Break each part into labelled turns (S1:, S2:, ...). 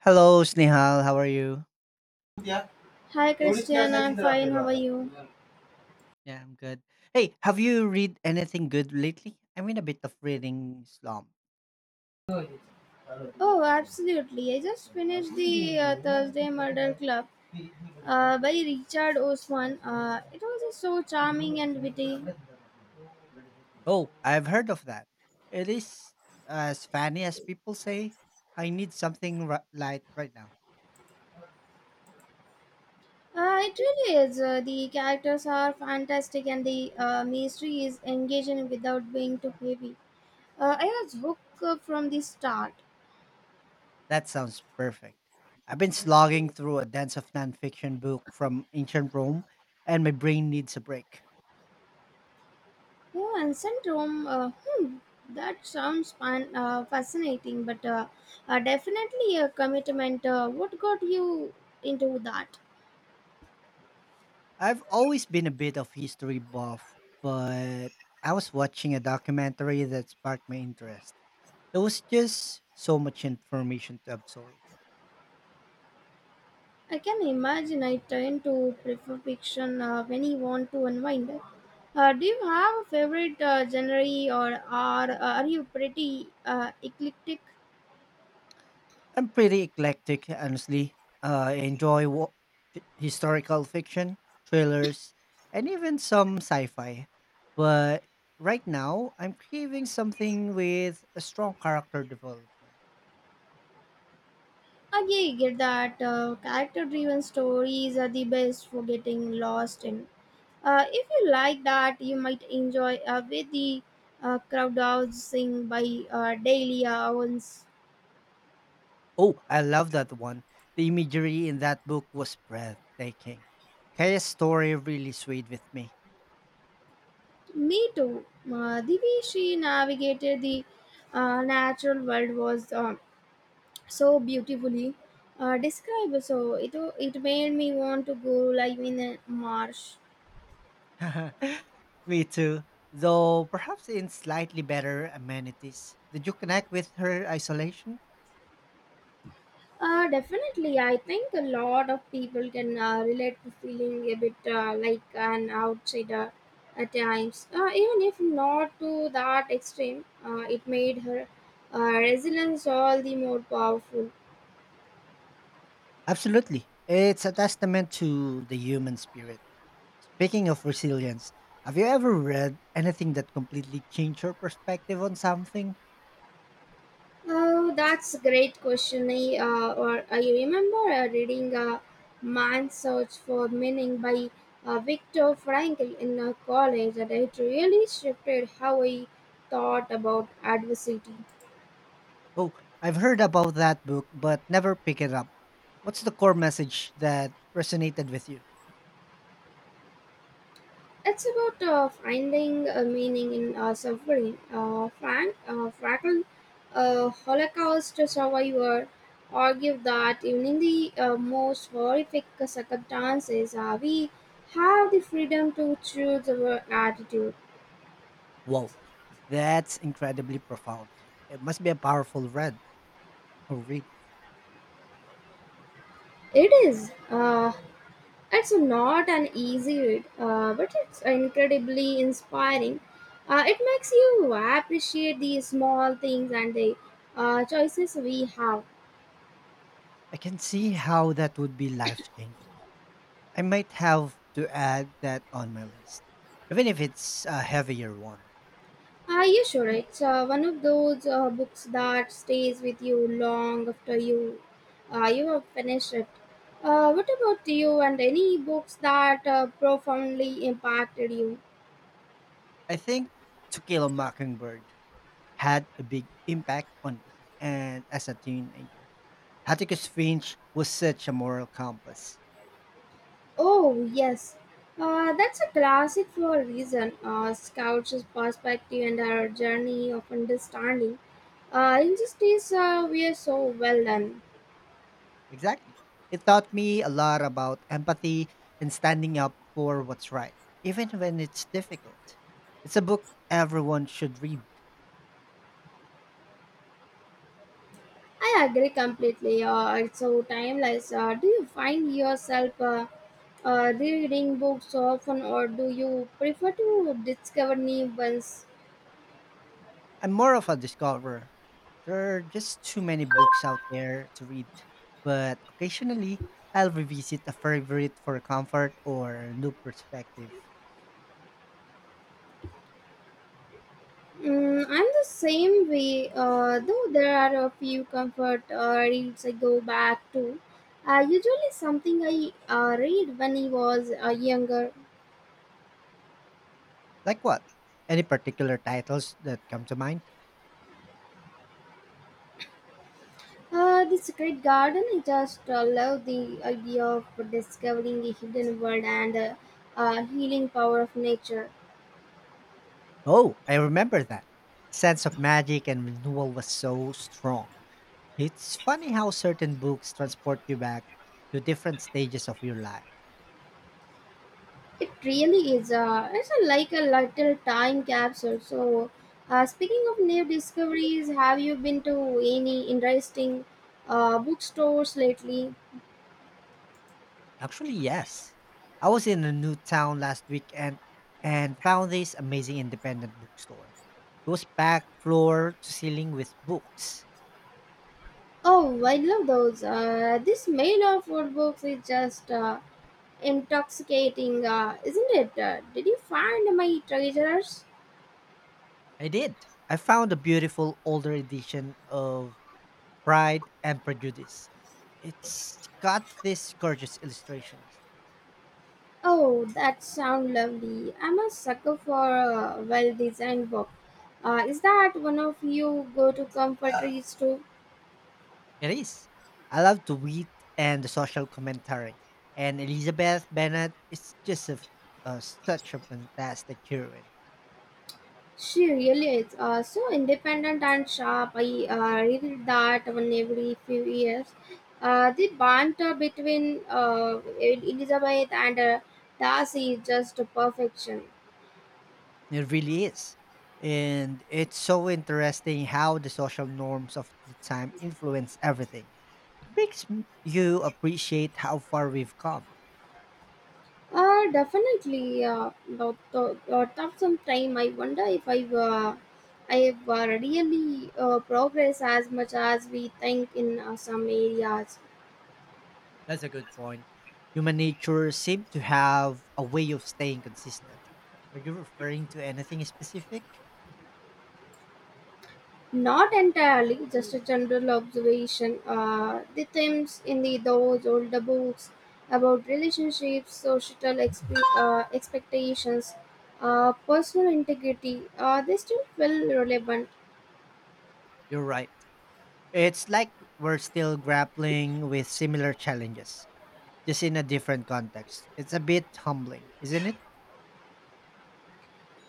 S1: Hello, Snehal. How are you?
S2: Yeah. Hi Christian, I am fine. How are you?
S1: Yeah, I'm good. Hey, have you read anything good lately? I'm in a bit of reading slump.
S2: Oh, absolutely. I just finished the Thursday Murder Club by Richard Osman. It was just so charming and witty.
S1: Oh, I've heard of that. It is as funny as people say. I need something light right now.
S2: It really is. The characters are fantastic and the mystery is engaging without being too heavy. I was hooked from the start.
S1: That sounds perfect. I've been slogging through a dense of nonfiction book from ancient Rome, and my brain needs a break.
S2: Oh, ancient Rome. That sounds fun, fascinating, but definitely a commitment. What got you into that?
S1: I've always been a bit of history buff, but I was watching a documentary that sparked my interest. There was just so much information to absorb.
S2: I can imagine, I tend to prefer fiction when you want to unwind. Do you have a favorite genre, or are you pretty eclectic?
S1: I'm pretty eclectic, honestly. I enjoy historical fiction, thrillers, and even some sci fi. But right now, I'm craving something with a strong character development.
S2: I get that, character driven stories are the best for getting lost in. If you like that, you might enjoy with the crowdsourcing by Delia Owens.
S1: Oh, I love that one. The imagery in that book was breathtaking. Kaya's story really swayed with me.
S2: Me too. The way she navigated the natural world was so beautifully described. So it made me want to go live in a marsh.
S1: Me too. Though perhaps in slightly better amenities. Did you connect with her isolation?
S2: Definitely, I think a lot of people can relate to feeling a bit like an outsider at times. Even if not to that extreme, it made her resilience all the more powerful.
S1: Absolutely. It's a testament to the human spirit. Speaking of resilience, have you ever read anything that completely changed your perspective on something?
S2: Oh, that's a great question. I remember reading Man's Search for Meaning by Viktor Frankl in college, and it really shifted how I thought about adversity.
S1: Oh, I've heard about that book, but never pick it up. What's the core message that resonated with you?
S2: It's about finding a meaning in suffering. Frank Frackl, a Holocaust survivor, argued that even in the most horrific circumstances, we have the freedom to choose our attitude.
S1: Whoa, that's incredibly profound. It must be a powerful read or read.
S2: It is. It's not an easy read, but it's incredibly inspiring. It makes you appreciate the small things and the choices we have.
S1: I can see how that would be life changing. I might have to add that on my list, even if it's a heavier one.
S2: Are you sure it's one of those books that stays with you long after you have finished it? What about you, and any books that profoundly impacted you?
S1: I think To Kill a Mockingbird had a big impact on me and as a teenager. Atticus Finch was such a moral compass.
S2: Oh yes, that's a classic for a reason. Scout's perspective and her journey of understanding injustice were so well done.
S1: Exactly. It taught me a lot about empathy and standing up for what's right, even when it's difficult. It's a book everyone should read.
S2: I agree completely. It's so timeless. Do you find yourself reading books often, or do you prefer to discover new ones?
S1: I'm more of a discoverer. There are just too many books out there to read, but occasionally I'll revisit a favorite for comfort or a new perspective.
S2: Mm, I'm the same way, though there are a few comfort reads I go back to. Usually, something I read when I was younger.
S1: Like what? Any particular titles that come to mind?
S2: The Secret Garden, I just love the idea of discovering the hidden world and healing power of nature.
S1: Oh, I remember that. The sense of magic and renewal was so strong. It's funny how certain books transport you back to different stages of your life.
S2: It really is. Like a little time capsule. So, speaking of new discoveries, have you been to any interesting bookstores lately?
S1: Actually, yes. I was in a new town last weekend and found this amazing independent bookstore. It was packed floor to ceiling with books.
S2: Oh, I love those. This mail of food books is just intoxicating, isn't it? Did you find my treasures?
S1: I did. I found a beautiful older edition of Pride and Prejudice. It's got these gorgeous illustrations.
S2: Oh, that sounds lovely. I'm a sucker for a well designed book. Is that one of you go to comfort reads too?
S1: It is. I love the wit and the social commentary. And Elizabeth Bennet is just such a fantastic heroine.
S2: She really is, so independent and sharp. I read that one every few years. The banter between Elizabeth and Darcy is just perfection.
S1: It really is. And it's so interesting how the social norms of the time influence everything. It makes you appreciate how far we've come.
S2: Definitely, but tough some time. I wonder if I've really progressed as much as we think in some areas.
S1: That's a good point. Human nature seems to have a way of staying consistent. Are you referring to anything specific?
S2: Not entirely, just a general observation. The themes in the those older books about relationships, societal expectations, personal integrity, they still feel relevant.
S1: You're right. It's like we're still grappling with similar challenges, just in a different context. It's a bit humbling, isn't it?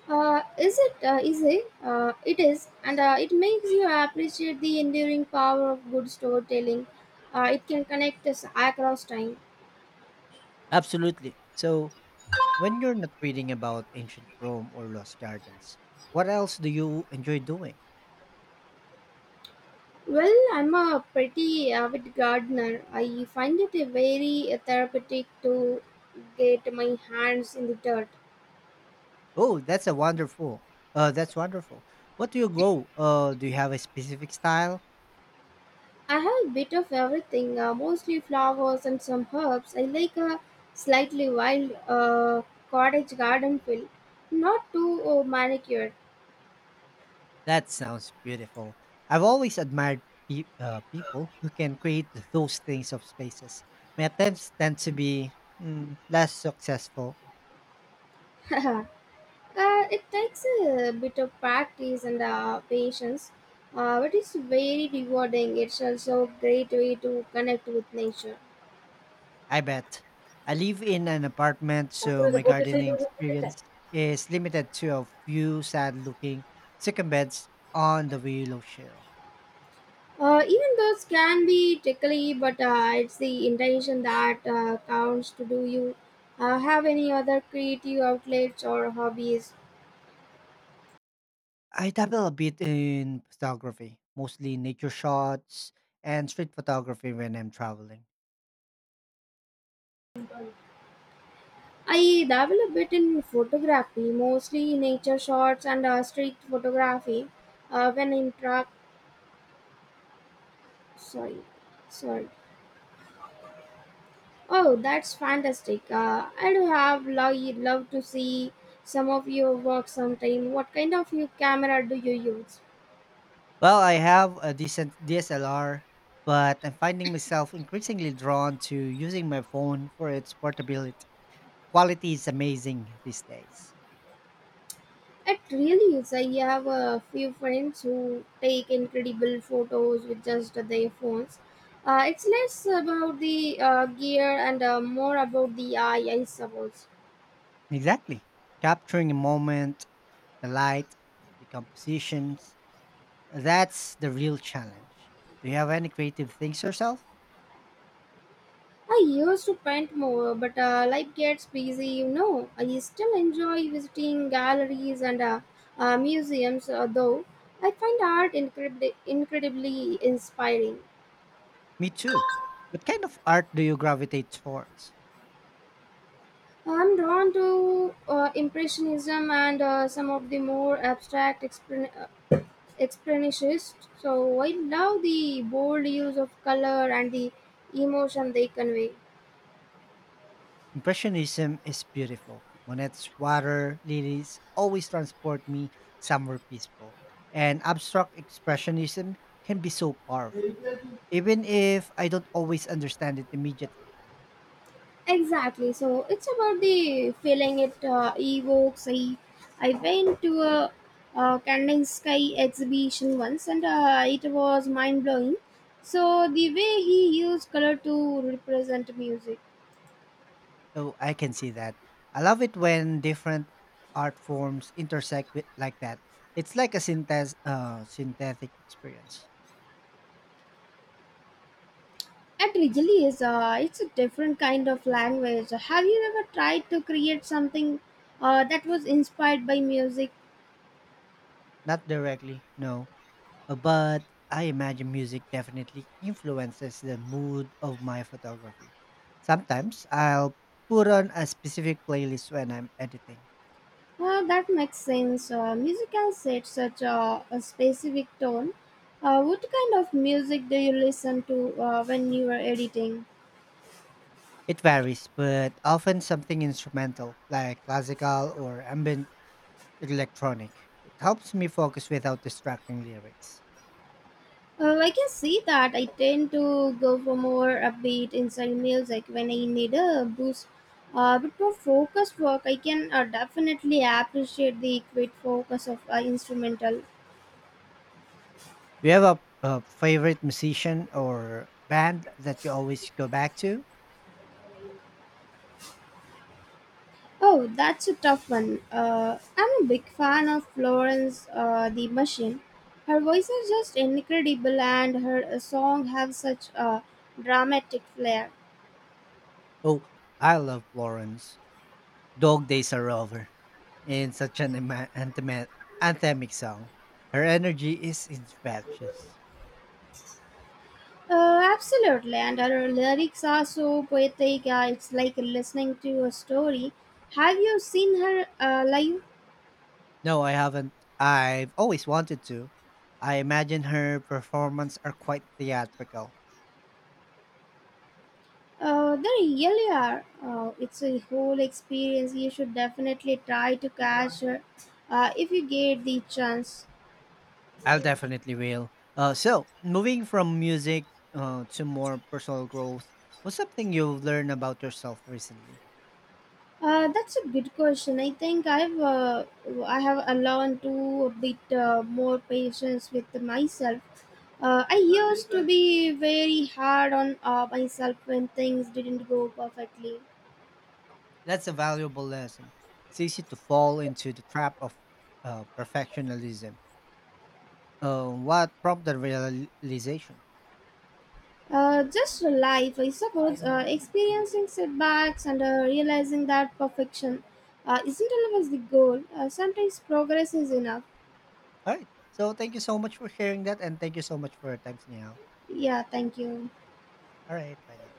S2: Is it easy? It is, and it makes you appreciate the enduring power of good storytelling. It can connect us across time.
S1: Absolutely. So, when you're not reading about ancient Rome or lost gardens, what else do you enjoy doing?
S2: Well, I'm a pretty avid gardener. I find it a very therapeutic to get my hands in the dirt.
S1: Oh, that's a wonderful. That's wonderful. What do you go? Do you have a specific style?
S2: I have a bit of everything, mostly flowers and some herbs. I like a slightly wild cottage garden feel, not too manicured.
S1: That sounds beautiful. I've always admired people who can create those things of spaces. My attempts tend to be less successful.
S2: uh, it takes a bit of practice and patience, but it's very rewarding. It's also a great way to connect with nature.
S1: I bet. I live in an apartment, so my gardening experience is limited to a few sad looking chicken beds on the willow shell.
S2: Even those can be tickly, but it's the intention that counts. To Do you have any other creative outlets or hobbies?
S1: I dabble a bit in photography, mostly nature shots and street photography when I'm traveling.
S2: I dabble a bit in photography, mostly nature shots and street photography. When in truck, sorry, sorry. Oh, that's fantastic. I'd have love to see some of your work sometime. What kind of you camera do you use?
S1: Well, I have a decent DSLR, but I'm finding myself increasingly drawn to using my phone for its portability. Quality is amazing these days.
S2: It really is. I have a few friends who take incredible photos with just their phones. It's less about the gear and more about the eye, I suppose.
S1: Exactly. Capturing a moment, the light, the compositions, that's the real challenge. Do you have any creative things yourself?
S2: I used to paint more, but life gets busy, I still enjoy visiting galleries and museums, though. I find art incredibly inspiring.
S1: Me too. What kind of art do you gravitate towards?
S2: I'm drawn to Impressionism and some of the more expressionist. So I love the bold use of color and the emotion they convey.
S1: Impressionism is beautiful. Monet's water lilies always transport me somewhere peaceful. And abstract expressionism can be so powerful, even if I don't always understand it immediately.
S2: Exactly. So it's about the feeling it evokes. I went to a, Canning Sky exhibition once, and it was mind blowing. So the way he used color to represent music.
S1: So I can see that. I love it when different art forms intersect with like that. It's like a synthetic experience.
S2: It really is. It's a different kind of language. Have you ever tried to create something that was inspired by music?
S1: Not directly, no. But I imagine music definitely influences the mood of my photography. Sometimes I'll put on a specific playlist when I'm editing.
S2: Well, that makes sense. Music has set such a specific tone. What kind of music do you listen to when you are editing?
S1: It varies, but often something instrumental like classical or ambient electronic. It helps me focus without distracting lyrics.
S2: Well, I can see that. I tend to go for more upbeat inside music when I need a boost. But for focused work, I can definitely appreciate the quick focus of instrumental.
S1: Do you have a favorite musician or band that you always go back to?
S2: Oh, that's a tough one. I'm a big fan of Florence the Machine. Her voice is just incredible, and her song have such a dramatic flair.
S1: Oh, I love Florence. Dog Days Are Over in such an anthemic song. Her energy is infectious.
S2: Absolutely, and her lyrics are so poetic. It's like listening to a story. Have you seen her live?
S1: No, I haven't. I've always wanted to. I imagine her performance are quite theatrical.
S2: They really are. It's a whole experience. You should definitely try to catch her if you get the chance.
S1: I'll definitely will. So, moving from music to more personal growth, what's something you've learned about yourself recently?
S2: That's a good question. I think I have learned to a bit more patience with myself. I used to be very hard on myself when things didn't go perfectly.
S1: That's a valuable lesson. It's easy to fall into the trap of perfectionism. What prompted realization?
S2: Just life, I suppose, experiencing setbacks and realizing that perfection isn't always the goal. Sometimes progress is enough.
S1: All right. So thank you so much for sharing that, and thank you so much for your time, Snehal.
S2: Yeah, thank you.
S1: All right, bye now.